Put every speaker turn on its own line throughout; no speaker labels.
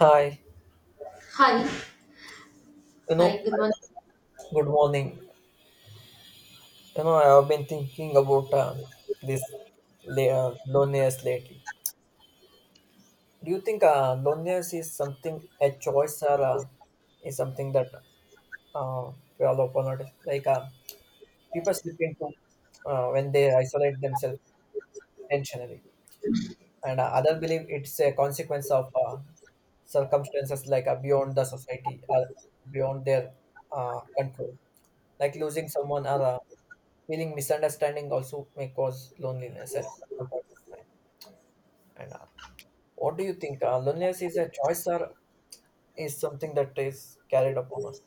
Hi,
Hi,
you know,
hi, good morning.
good morning. I have been thinking about this la- loneliness lately. Do you think loneliness is something a choice or is something that uh, we all upon notice? Like people slip into when they isolate themselves intentionally, and other believe it's a consequence of circumstances like beyond the society or beyond their control, like losing someone or feeling misunderstanding also may cause loneliness at some point of time. And what do you think? Loneliness is a choice or is something that is carried upon us?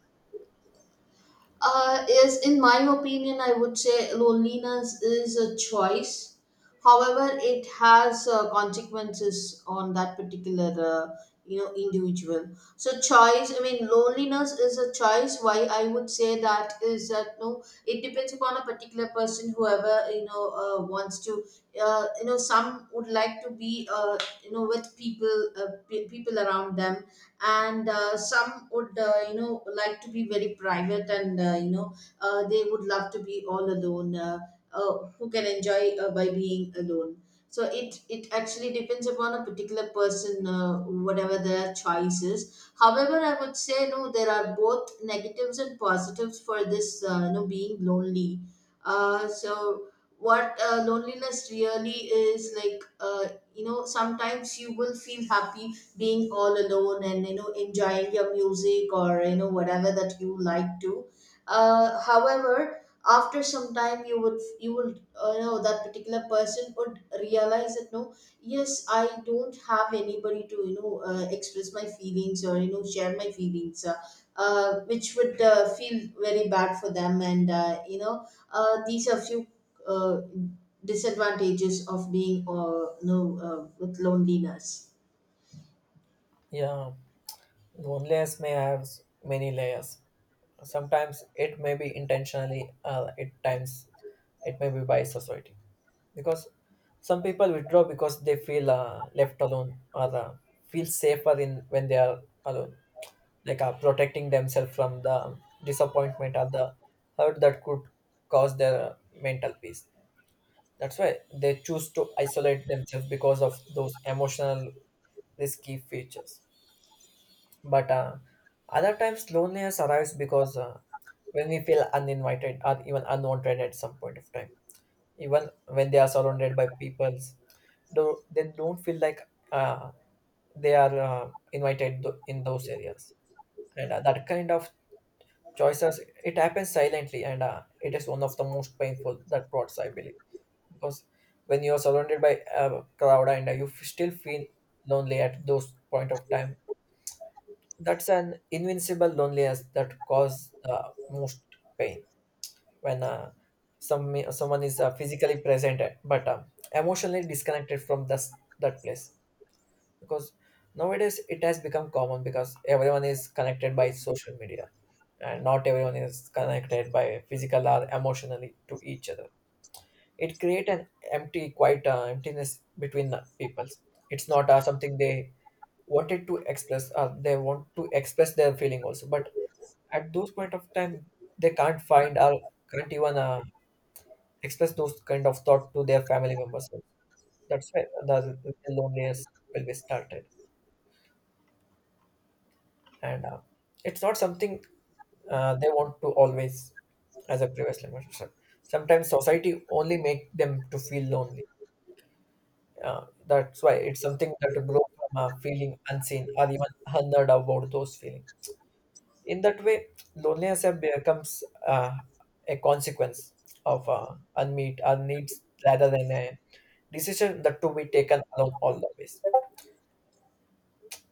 Is in my opinion, I would say loneliness is a choice. However, it has consequences on that particular individual. So choice, I mean, loneliness is a choice. Why I would say that is that no, it depends upon a particular person. Whoever you know wants to, You know, some would like to be with people, people around them, and some would like to be very private, and they would love to be all alone, who can enjoy by being alone. So it actually depends upon a particular person, whatever their choice is. However, I would say no, there are both negatives and positives for this, being lonely. So what loneliness really is like, sometimes you will feel happy being all alone and you know enjoying your music or you know whatever that you like to. However, after some time you know that particular person would realize that no, yes, I don't have anybody to express my feelings or you know share my feelings, which would feel very bad for them. And these are few uh, disadvantages of being with loneliness.
Yeah, loneliness may have many layers. Sometimes it may be intentionally, at times it may be by society. Because some people withdraw because they feel left alone or feel safer in when they are alone, like protecting themselves from the disappointment or the hurt that could cause their mental peace. That's why they choose to isolate themselves because of those emotional risky features. But other times loneliness arrives because when we feel uninvited or even unwanted at some point of time, even when they are surrounded by peoples, though they don't feel like uh, they are invited in those areas. And that kind of choices, it happens silently, and it is one of the most painful that parts I believe. Because when you are surrounded by a crowd and you still feel lonely at those point of time, that's an invincible loneliness that causes the most pain. When some someone is physically present but emotionally disconnected from this that place. Because nowadays it has become common because everyone is connected by social media, and not everyone is connected by physical or emotionally to each other. It creates an empty quite emptiness between the peoples. It's not something they wanted to express. They want to express their feeling also, but at those point of time they can't find or can't even express those kind of thought to their family members. That's why the loneliness will be started. And it's not something they want to always. As a previous conversation, sometimes society only make them to feel lonely. That's why it's something that grow from feeling unseen or even unheard about those feelings. In that way loneliness have becomes a consequence of unmet our needs rather than a decision that to be taken alone all the ways.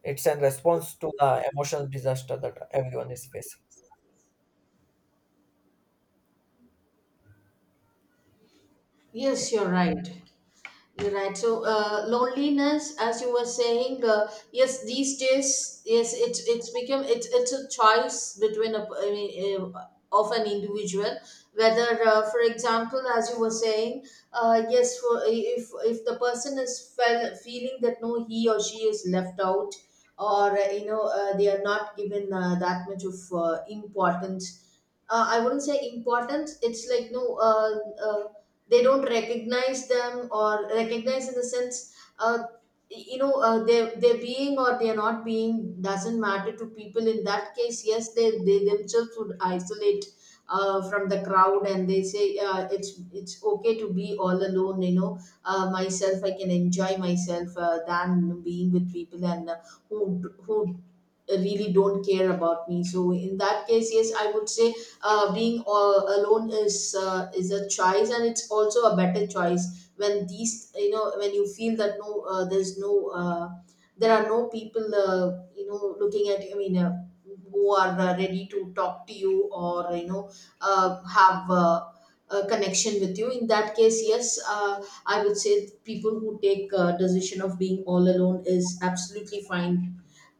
It's a response to the emotional disaster that everyone is facing. Yeah.
Yes, you're right. You're right. So, loneliness, as you were saying, yes, these days, yes, it's become it's a choice between a, I mean, of an individual whether, for example, as you were saying, yes, for, if the person is feeling that no, he or she is left out, or they are not given that much of importance. I wouldn't say importance. It's like no. Uh, they don't recognize them, or recognize in the sense, their being or their not being doesn't matter to people. In that case, yes, they themselves would isolate from the crowd and they say, it's okay to be all alone, you know. Myself, I can enjoy myself than being with people, and who who really don't care about me. So in that case, yes, I would say being all alone is, is a choice, and it's also a better choice when these you know, when you feel that no, there's no, there are no people, looking at you, I mean, who are ready to talk to you or you know have a connection with you. In that case, yes, I would say people who take decision of being all alone is absolutely fine.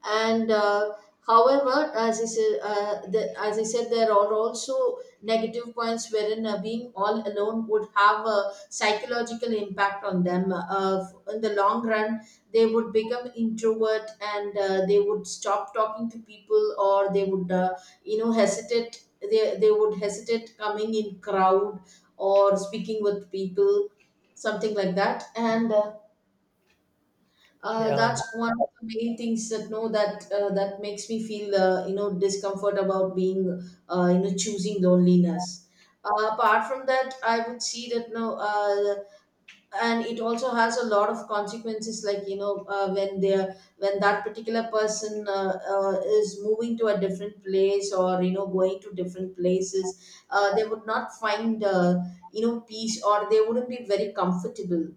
And however, as I said, as I said, there are also negative points wherein being all alone would have a psychological impact on them, in the long run. They would become introvert, and they would stop talking to people, or they would hesitate. They would hesitate coming in crowd or speaking with people, something like that. And
Yeah.
that's one of the main things that no, that that makes me feel discomfort about being choosing loneliness. Apart from that, I would see that no, and it also has a lot of consequences. Like you know, when they are, when that particular person is moving to a different place or you know going to different places, they would not find peace, or they wouldn't be very comfortable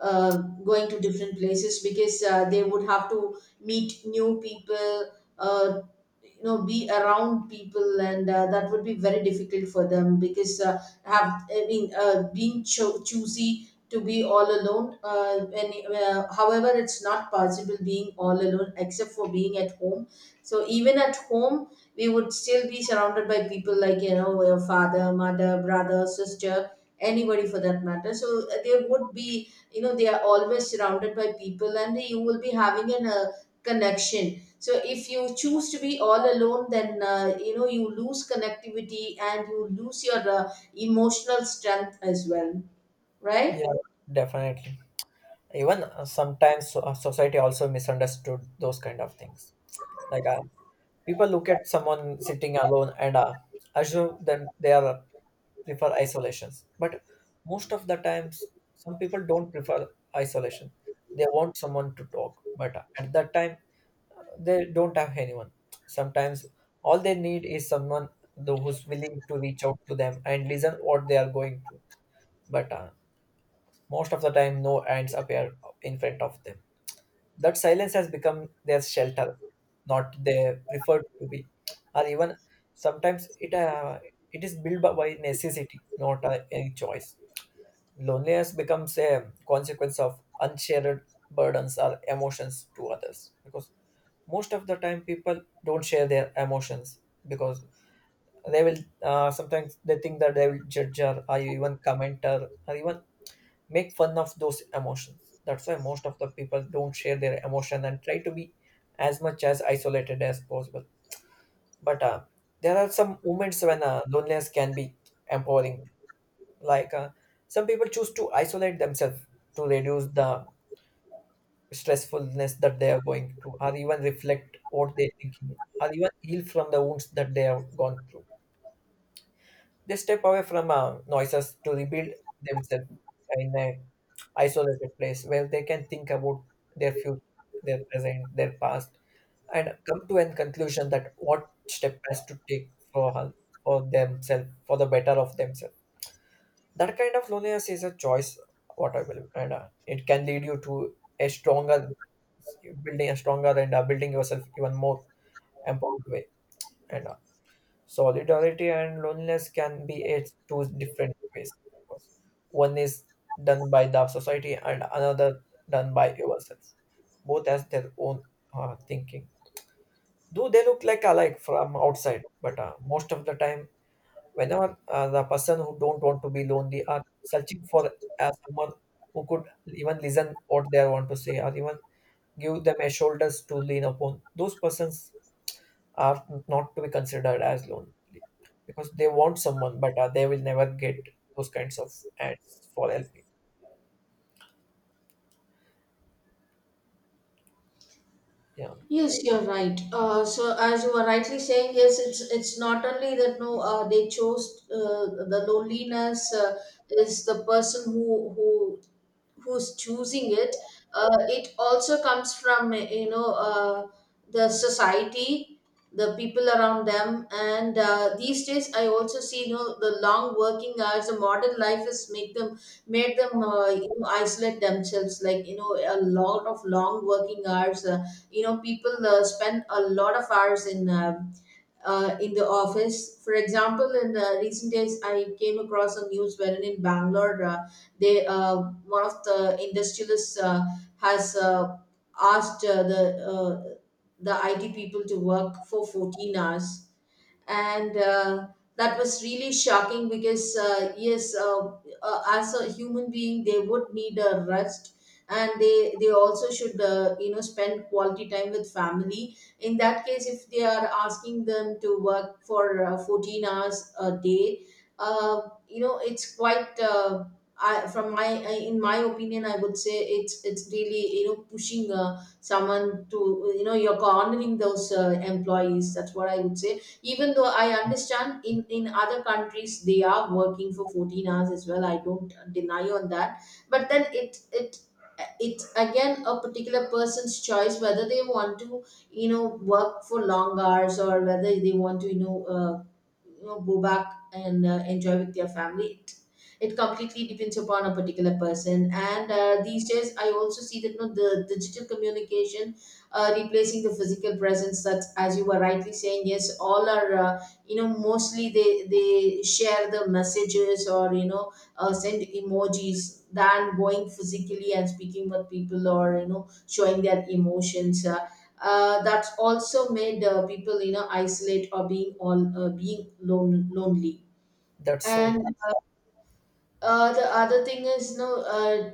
uh, going to different places because they would have to meet new people, uh, you know, be around people, and that would be very difficult for them because have, I mean, being choosy to be all alone. And however, it's not possible being all alone except for being at home. So even at home, we would still be surrounded by people, like you know your father, mother, brother, sister, anybody for that matter. So there would be you know, they are always surrounded by people and you will be having an connection. So if you choose to be all alone, then you know you lose connectivity and you lose your emotional strength as well, right?
Yeah, definitely. Even sometimes society also misunderstood those kind of things. Like people look at someone sitting alone and assume then they are prefer isolations. But most of the times, some people don't prefer isolation. They want someone to talk, but at that time they don't have anyone. Sometimes all they need is someone though who's willing to reach out to them and listen what they are going through. But most of the time, no ants appear in front of them. That silence has become their shelter, not their preferred to be, or even sometimes it is built by necessity, not any choice. Loneliness becomes a consequence of unshared burdens or emotions to others, because most of the time people don't share their emotions. Because they will sometimes they think that they will judge her or even comment her or even make fun of those emotions. That's why most of the people don't share their emotion and try to be as much as isolated as possible. But there are some moments when loneliness can be empowering. Like some people choose to isolate themselves to reduce the stressfulness that they are going through, or even reflect what they're thinking, or even heal from the wounds that they have gone through. They step away from noises to rebuild themselves in a isolated place where they can think about their future, their present, their past, and come to a conclusion that what step has to take for themselves, for the better of themselves. That kind of loneliness is a choice, what I believe, and it can lead you to a stronger building, a stronger and building yourself even more empowered way. And Solidarity and loneliness can be it two different ways. One is done by the society and another done by yourself. Both has their own thinking. Do they look like alike from outside, but most of the time, whenever the person who don't want to be lonely are searching for someone who could even listen what they want to say or even give them a shoulders to lean upon, those persons are not to be considered as lonely, because they want someone, but they will never get those kinds of ads for helping. Yeah,
Yes, you're right. So, as you were rightly saying, yes, it's not only that no, they chose the loneliness, is the person who's choosing it. It also comes from you know the society, the people around them, and these days I also see you know the long working hours, the modern life has make them made them isolate themselves, like you know a lot of long working hours. Uh, you know people spend a lot of hours in the office. For example, in recent days I came across a news wherein in Bangalore, they one of the industrialists has asked the IT people to work for 14 hours, and that was really shocking because yes, as a human being they would need a rest, and they also should spend quality time with family. In that case, if they are asking them to work for 14 hours a day, uh, you know it's quite I, from my in my opinion I would say it's really you know pushing someone to you know, you're cornering those employees, that's what I would say. Even though I understand in other countries they are working for 14 hours as well, I don't deny on that. But then it's again a particular person's choice whether they want to you know work for long hours, or whether they want to go back and enjoy with their family. It completely depends upon a particular person. And these days I also see that you know, the digital communication replacing the physical presence, that as you were rightly saying, yes, all are, mostly they share the messages or you know send emojis than going physically and speaking with people or you know showing their emotions, that's also made people you know isolate or being lonely.
that's so.
And the other thing is no, uh,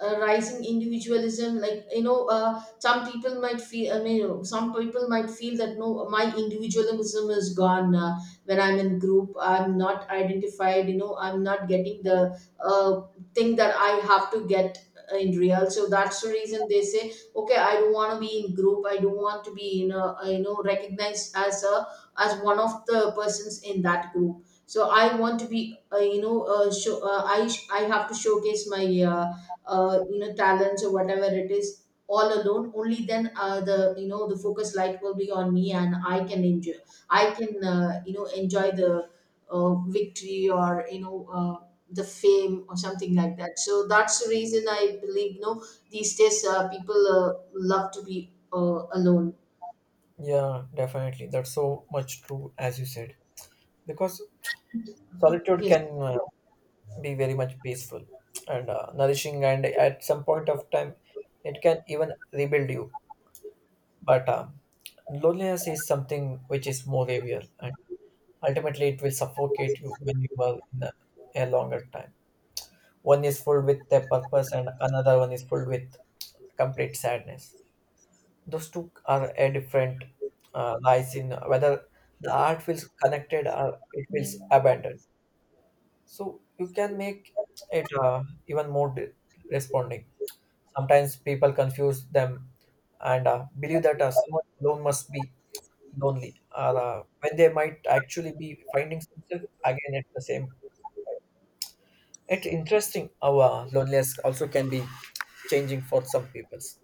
uh, rising individualism. Like you know, some people might feel, I mean you know, some people might feel that no, my individualism is gone, when I'm in group I'm not identified, you know I'm not getting the thing that I have to get in real. So that's the reason they say okay, I don't want to be in group, I don't want to be in a, recognized as a, as one of the persons in that group. So I want to be, I have to showcase my uh, talents or whatever it is all alone. Only then the you know the focus light will be on me and I can enjoy, I can enjoy the victory or you know the fame or something like that. So that's the reason I believe you know these days people love to be alone,
Yeah, definitely, that's so much true as you said. Because solitude
yes.
can be very much peaceful and nourishing, and at some point of time, it can even rebuild you. But loneliness is something which is more real, and ultimately, it will suffocate you when you are in a longer time. One is filled with the purpose, and another one is filled with complete sadness. Those two are a different lies in whether the art feels connected or it feels abandoned. So you can make it even more responding. Sometimes people confuse them and believe that someone alone must be lonely, or when they might actually be finding themselves again at the same. It's interesting how loneliness also can be changing for some peoples.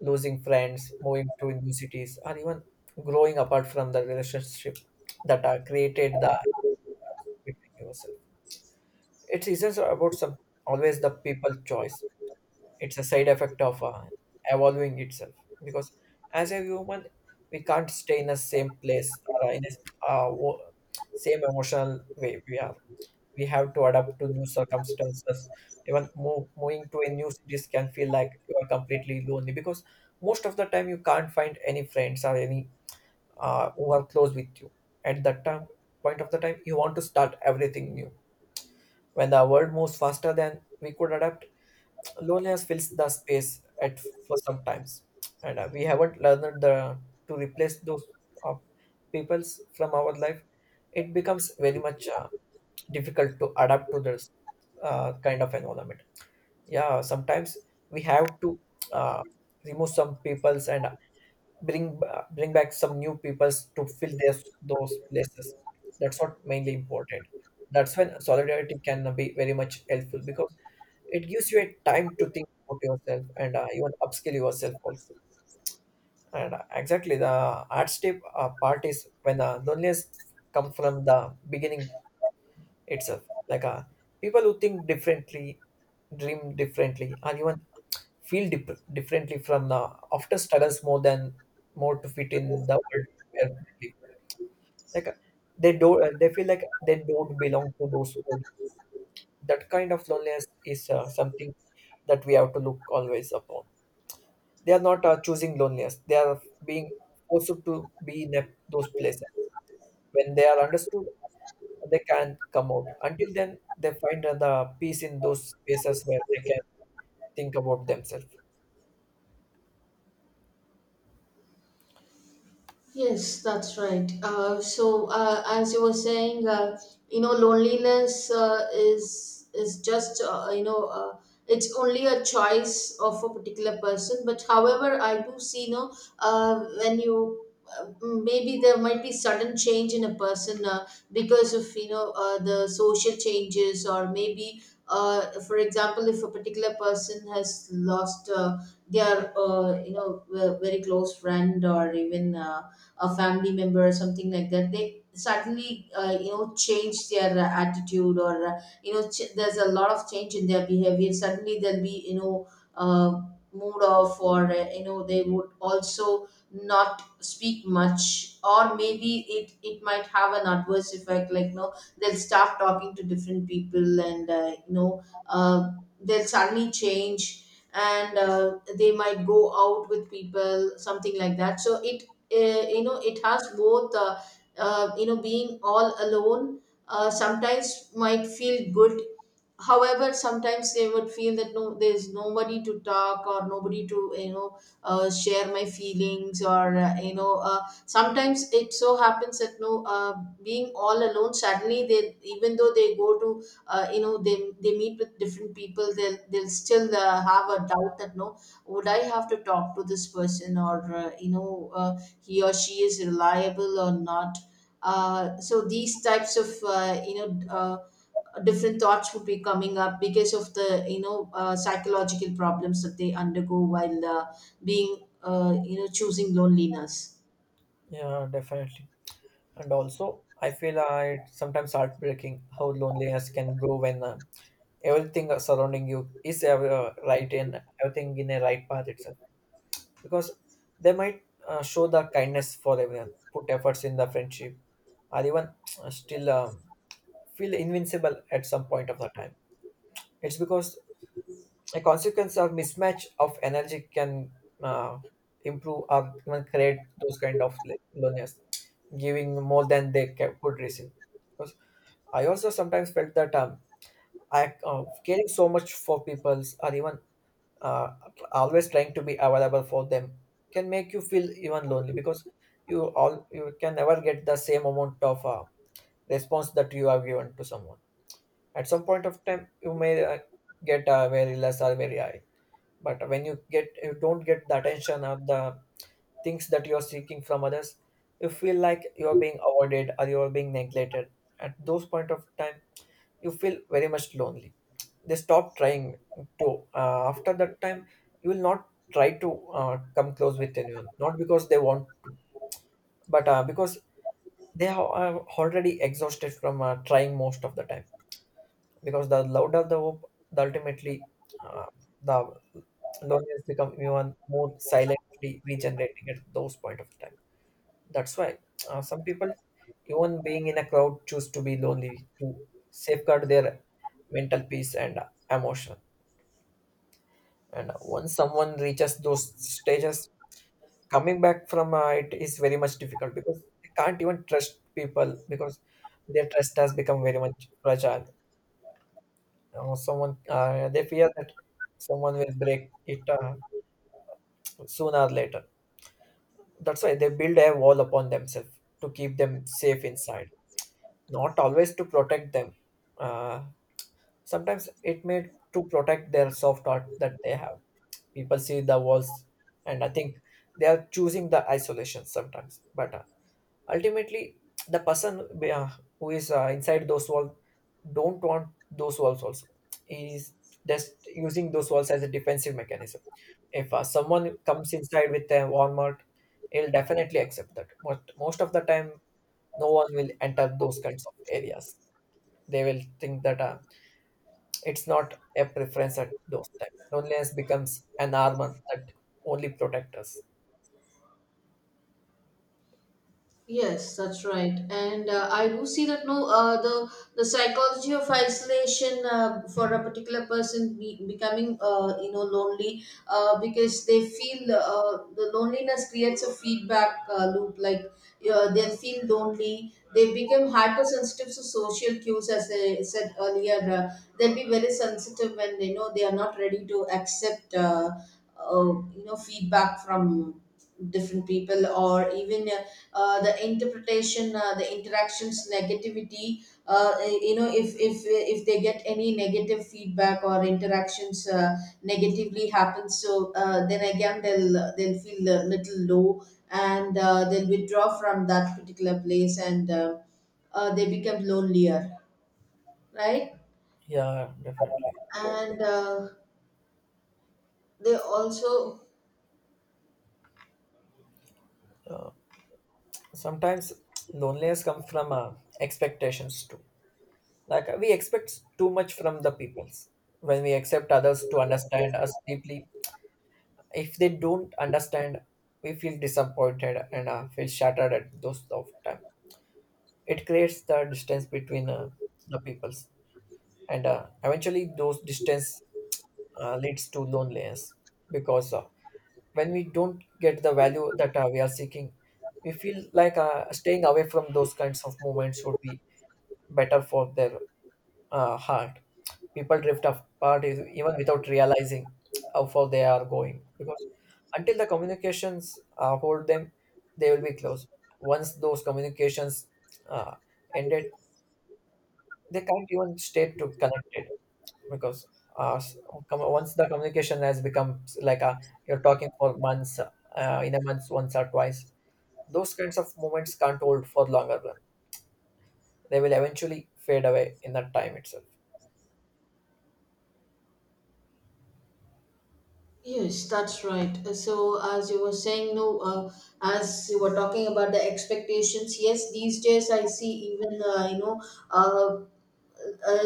Losing friends, moving to new cities, or even growing apart from the relationship that are created the between yourself. It isn't about some always the people choice. It's a side effect of evolving itself, because as a human, we can't stay in the same place or in a same emotional way we are. We have to adapt to new circumstances. Even moving to a new cities can feel like you are completely lonely, because most of the time you can't find any friends or any who are close with you. At that time, point of the time, you want to start everything new. When the world moves faster than we could adapt, loneliness fills the space at for some times, and we haven't learned the to replace those uh, peoples from our life. It becomes very much difficult to adapt to this kind of environment. Yeah, sometimes we have to uh, remove some peoples and bring back some new peoples to fill their those places. That's what mainly important. That's when solidarity can be very much helpful, because it gives you a time to think about yourself and even upskill yourself also. And exactly the art step part is when loneliness come from the beginning itself. Like people who think differently, dream differently, or even feel differently from the often struggles more than more to fit in the world where they live. Like they feel like they don't belong to those world. That kind of loneliness is something that we have to look always upon. They are not choosing loneliness. They are being forced to be in those places. When they are understood, they can come out. Until then, they find the peace in those spaces where they can think about themselves.
Yes, that's right. So, as you were saying, loneliness is just it's only a choice of a particular person. But however, I do see, you know, when you maybe there might be sudden change in a person because of you know the social changes or maybe. For example, if a particular person has lost their, very close friend or even a family member or something like that, they suddenly change their attitude, or there's a lot of change in their behavior. Suddenly they'll be uh, mood off, or they would also not speak much, or maybe it might have an adverse effect like no, they'll start talking to different people. And uh, they'll suddenly change, and they might go out with people, something like that. So it it has both being all alone sometimes might feel good, however sometimes they would feel that no, there's nobody to talk or nobody to share my feelings, or sometimes it so happens that no, being all alone suddenly, they, even though they go to they meet with different people, they'll still have a doubt that no, would I have to talk to this person, or he or she is reliable or not. So these types of uh, you know Uh, different thoughts would be coming up because of the psychological problems that they undergo while being choosing loneliness.
Yeah, definitely. And also, I feel it's sometimes heartbreaking how loneliness can grow when everything surrounding you is ever right and everything in a right path itself, because they might show the kindness for everyone, put efforts in the friendship, or even still feel invincible at some point of the time. It's because a consequence or mismatch of energy can uh, improve or even create those kind of loneliness, giving more than they could receive. Because I also sometimes felt that I caring so much for people's or even uh, always trying to be available for them can make you feel even lonely because you can never get the same amount of response that you have given to someone. At some point of time you may get very less or very high, but when you don't get the attention or the things that you are seeking from others, you feel like you are being avoided or you are being neglected. At those point of time you feel very much lonely. They stop trying to. After that time you will not try to come close with anyone, not because they want, but because they are already exhausted from trying most of the time, because the louder the hope, the ultimately uh, the loneliness become even more silently regenerating at those point of time. That's why some people, even being in a crowd, choose to be lonely to safeguard their mental peace and emotion. And once someone reaches those stages, coming back from it is very much difficult, because they can't even trust people, because their trust has become very much fragile. Someone, they fear that someone will break it, sooner or later. That's why they build a wall upon themselves to keep them safe inside, not always to protect them. Uh, Sometimes it made to protect their soft art that they have. People see the walls, and I think they are choosing the isolation sometimes. But ultimately, the person uh, who is inside those walls don't want those walls also. He is just using those walls as a defensive mechanism. If someone comes inside with a Walmart, he'll definitely accept that. But most of the time, no one will enter those kinds of areas. They will think that it's not a preference at those times. Loneliness becomes an armor that only protects us.
Yes, that's right, and I do see that no, the psychology of isolation for a particular person be, becoming lonely because they feel the loneliness creates a feedback loop, like they feel lonely, they become hypersensitive to social cues, as I said earlier. They'll be very sensitive when they know they are not ready to accept uh, feedback from different people or even. The interpretation, the interactions negativity, if if they get any negative feedback or interactions negatively happen, so then again they'll feel a little low, and they'll withdraw from that particular place, and they become lonelier, right?
Yeah, definitely.
And they also.
Sometimes loneliness comes from expectations too. Like, we expect too much from the peoples. When we accept others to understand us deeply, if they don't understand, we feel disappointed and feel shattered at those of time. It creates the distance between the peoples, and eventually those distance leads to loneliness, because when we don't get the value that we are seeking, we feel like staying away from those kinds of moments would be better for their heart. People drift apart, even without realizing how far they are going, because until the communications hold them, they will be close. Once those communications uh, ended, they can't even stay too connected, because uh, s- once the communication has become like a, you're talking for months, in a month once or twice, those kinds of moments can't hold for longer run. They will eventually fade away in that time itself.
Yes, that's right. So, as you were saying, no, as you were talking about the expectations, yes, these days I see, even, uh, uh,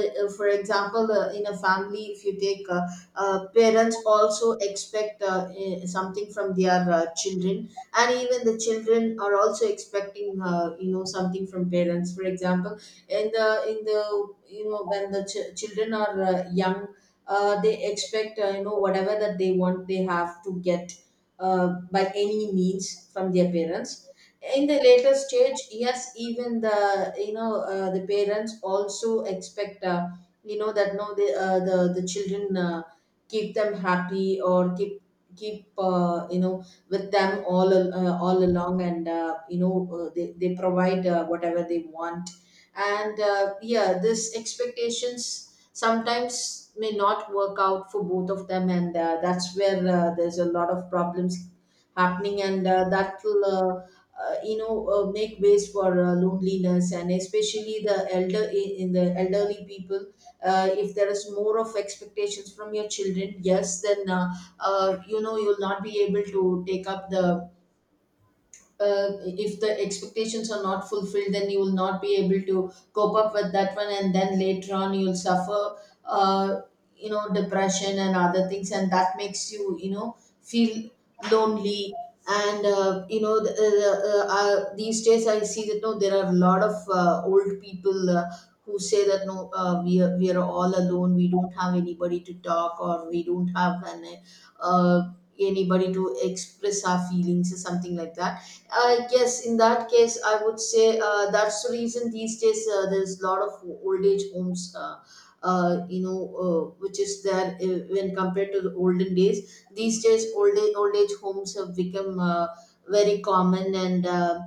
for example, in a family, if you take parents also expect something from their children, and even the children are also expecting something from parents. For example, in the when the ch- children are young, they expect whatever that they want, they have to get by any means from their parents. In the later stage, yes, even the the parents also expect that no, the the children keep them happy, or keep with them all al- all along, and they provide whatever they want. And yeah, this expectations sometimes may not work out for both of them, and that's where there's a lot of problems happening, and that will make ways for loneliness, and especially the elder, in the elderly people, if there is more of expectations from your children, yes, then you'll not be able to take up the if the expectations are not fulfilled, then you will not be able to cope up with that one, and then later on you'll suffer uh, depression and other things, and that makes you you know feel lonely. And these days I see that no, there are a lot of old people who say that no, we are, we are all alone, we don't have anybody to talk, or we don't have an uh, anybody to express our feelings or something like that. I, yes, in that case, I would say that's the reason these days there's a lot of old age homes, which is there when compared to the olden days. These days, old age homes have become very common, and uh,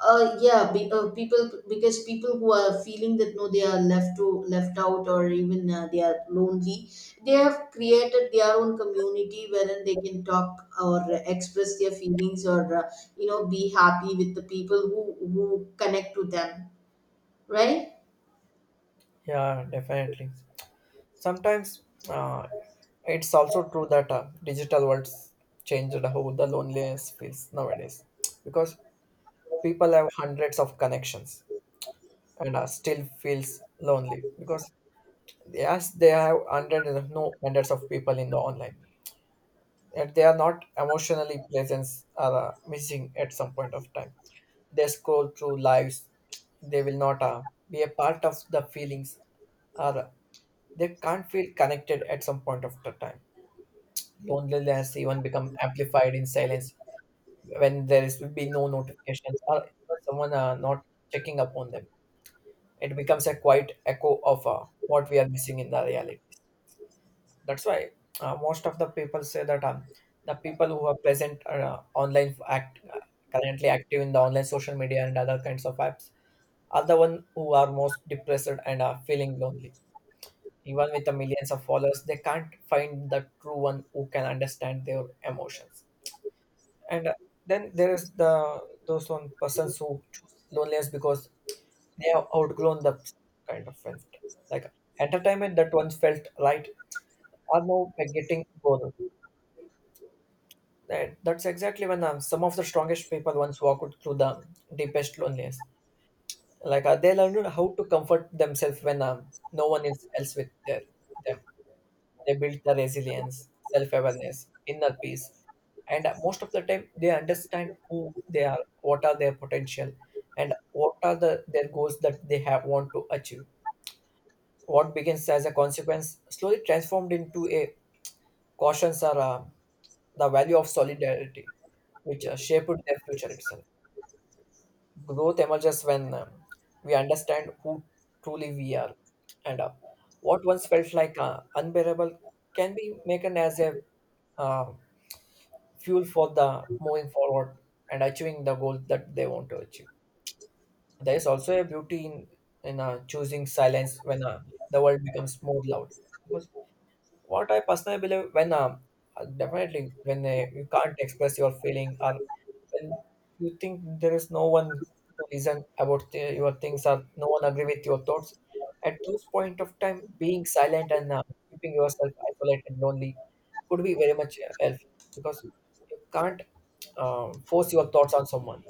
uh, yeah, be, people because people who are feeling that no, they are left to left out, or even they are lonely. They have created their own community wherein they can talk or express their feelings, or be happy with the people who who connect to them, right?
Yeah, definitely. Sometimes uh, it's also true that digital worlds changed how the loneliness feels nowadays, because people have hundreds of connections and still feels lonely, because yes, they have hundreds, if no hundreds of people in the online, and they are not emotionally present, or missing at some point of time. They scroll through lives. They will not be a part of the feelings, or they can't feel connected at some point of the time. Loneliness even become amplified in silence when there is will be no notifications, or someone not checking up on them. It becomes a quiet echo of what we are missing in the reality. That's why most of the people say that the people who are present are, online act currently active in the online social media and other kinds of apps are the one who are most depressed and are feeling lonely. Even with the millions of followers, they can't find the true one who can understand their emotions. And then there is the those one persons who choose loneliness, because they have outgrown the kind of friends. Like entertainment that once felt right are now getting bored. That's exactly when some of the strongest people once walked through the deepest loneliness. Like, they learned how to comfort themselves when no one is else with them. They built the resilience, self-awareness, inner peace, and most of the time they understand who they are, what are their potential, and what are the their goals that they have want to achieve. What begins as a consequence slowly transformed into a cautions are the value of solidarity, which shaped their future itself. Growth emerges when we understand who truly we are, and what once felt like unbearable can be taken as a uh, fuel for the moving forward and achieving the goal that they want to achieve. There is also a beauty in choosing silence when the world becomes more loud. Because what I personally believe, when definitely when you can't express your feeling, or when you think there is no one to listen about your things, or no one agree with your thoughts. At those point of time being silent and keeping yourself isolated lonely could be very much helpful, because you can't force your thoughts on someone.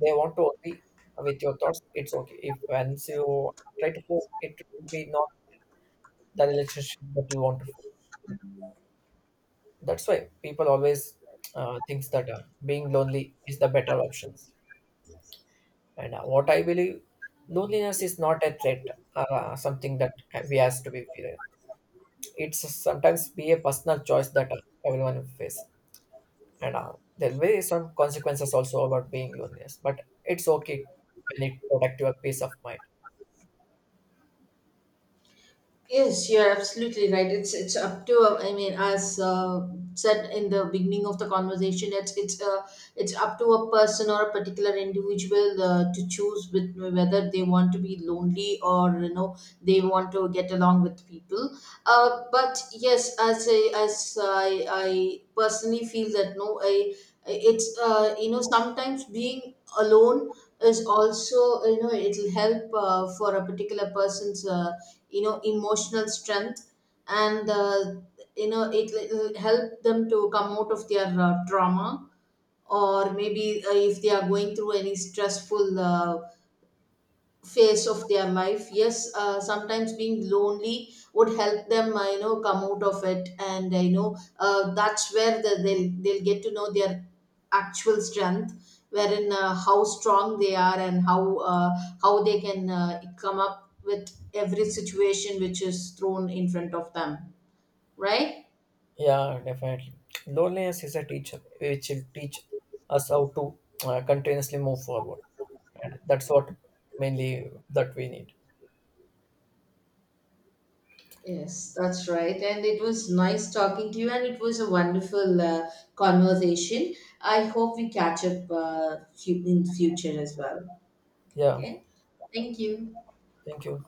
They want to agree with your thoughts, it's okay. If once you try to force it, it will be not the relationship that you want to form. That's why people always thinks that being lonely is the better options. And what I believe, loneliness is not a threat, or something that we has to be feared. It's sometimes be a personal choice that everyone face, and there will be some consequences also about being loneliness. But it's okay when it protect your peace of mind.
Yes, you're absolutely right. It's up to I mean, as said in the beginning of the conversation, it's up to a person or a particular individual to choose with whether they want to be lonely, or you know they want to get along with people. But yes, I personally feel that no, I, it's sometimes being alone is also, you know, it'll help for a particular person's. Emotional strength, and it will help them to come out of their trauma, or maybe if they are going through any stressful phase of their life. Yes, sometimes being lonely would help them come out of it, and that's where the, they'll get to know their actual strength, wherein how strong they are, and how they can come up with every situation which is thrown in front of them, right?
Yeah, definitely. Loneliness is a teacher which will teach us how to continuously move forward. That's what mainly that we need.
Yes, that's right. And it was nice talking to you, and it was a wonderful conversation. I hope we catch up in future as well.
Yeah.
Okay, thank you.
Thank you.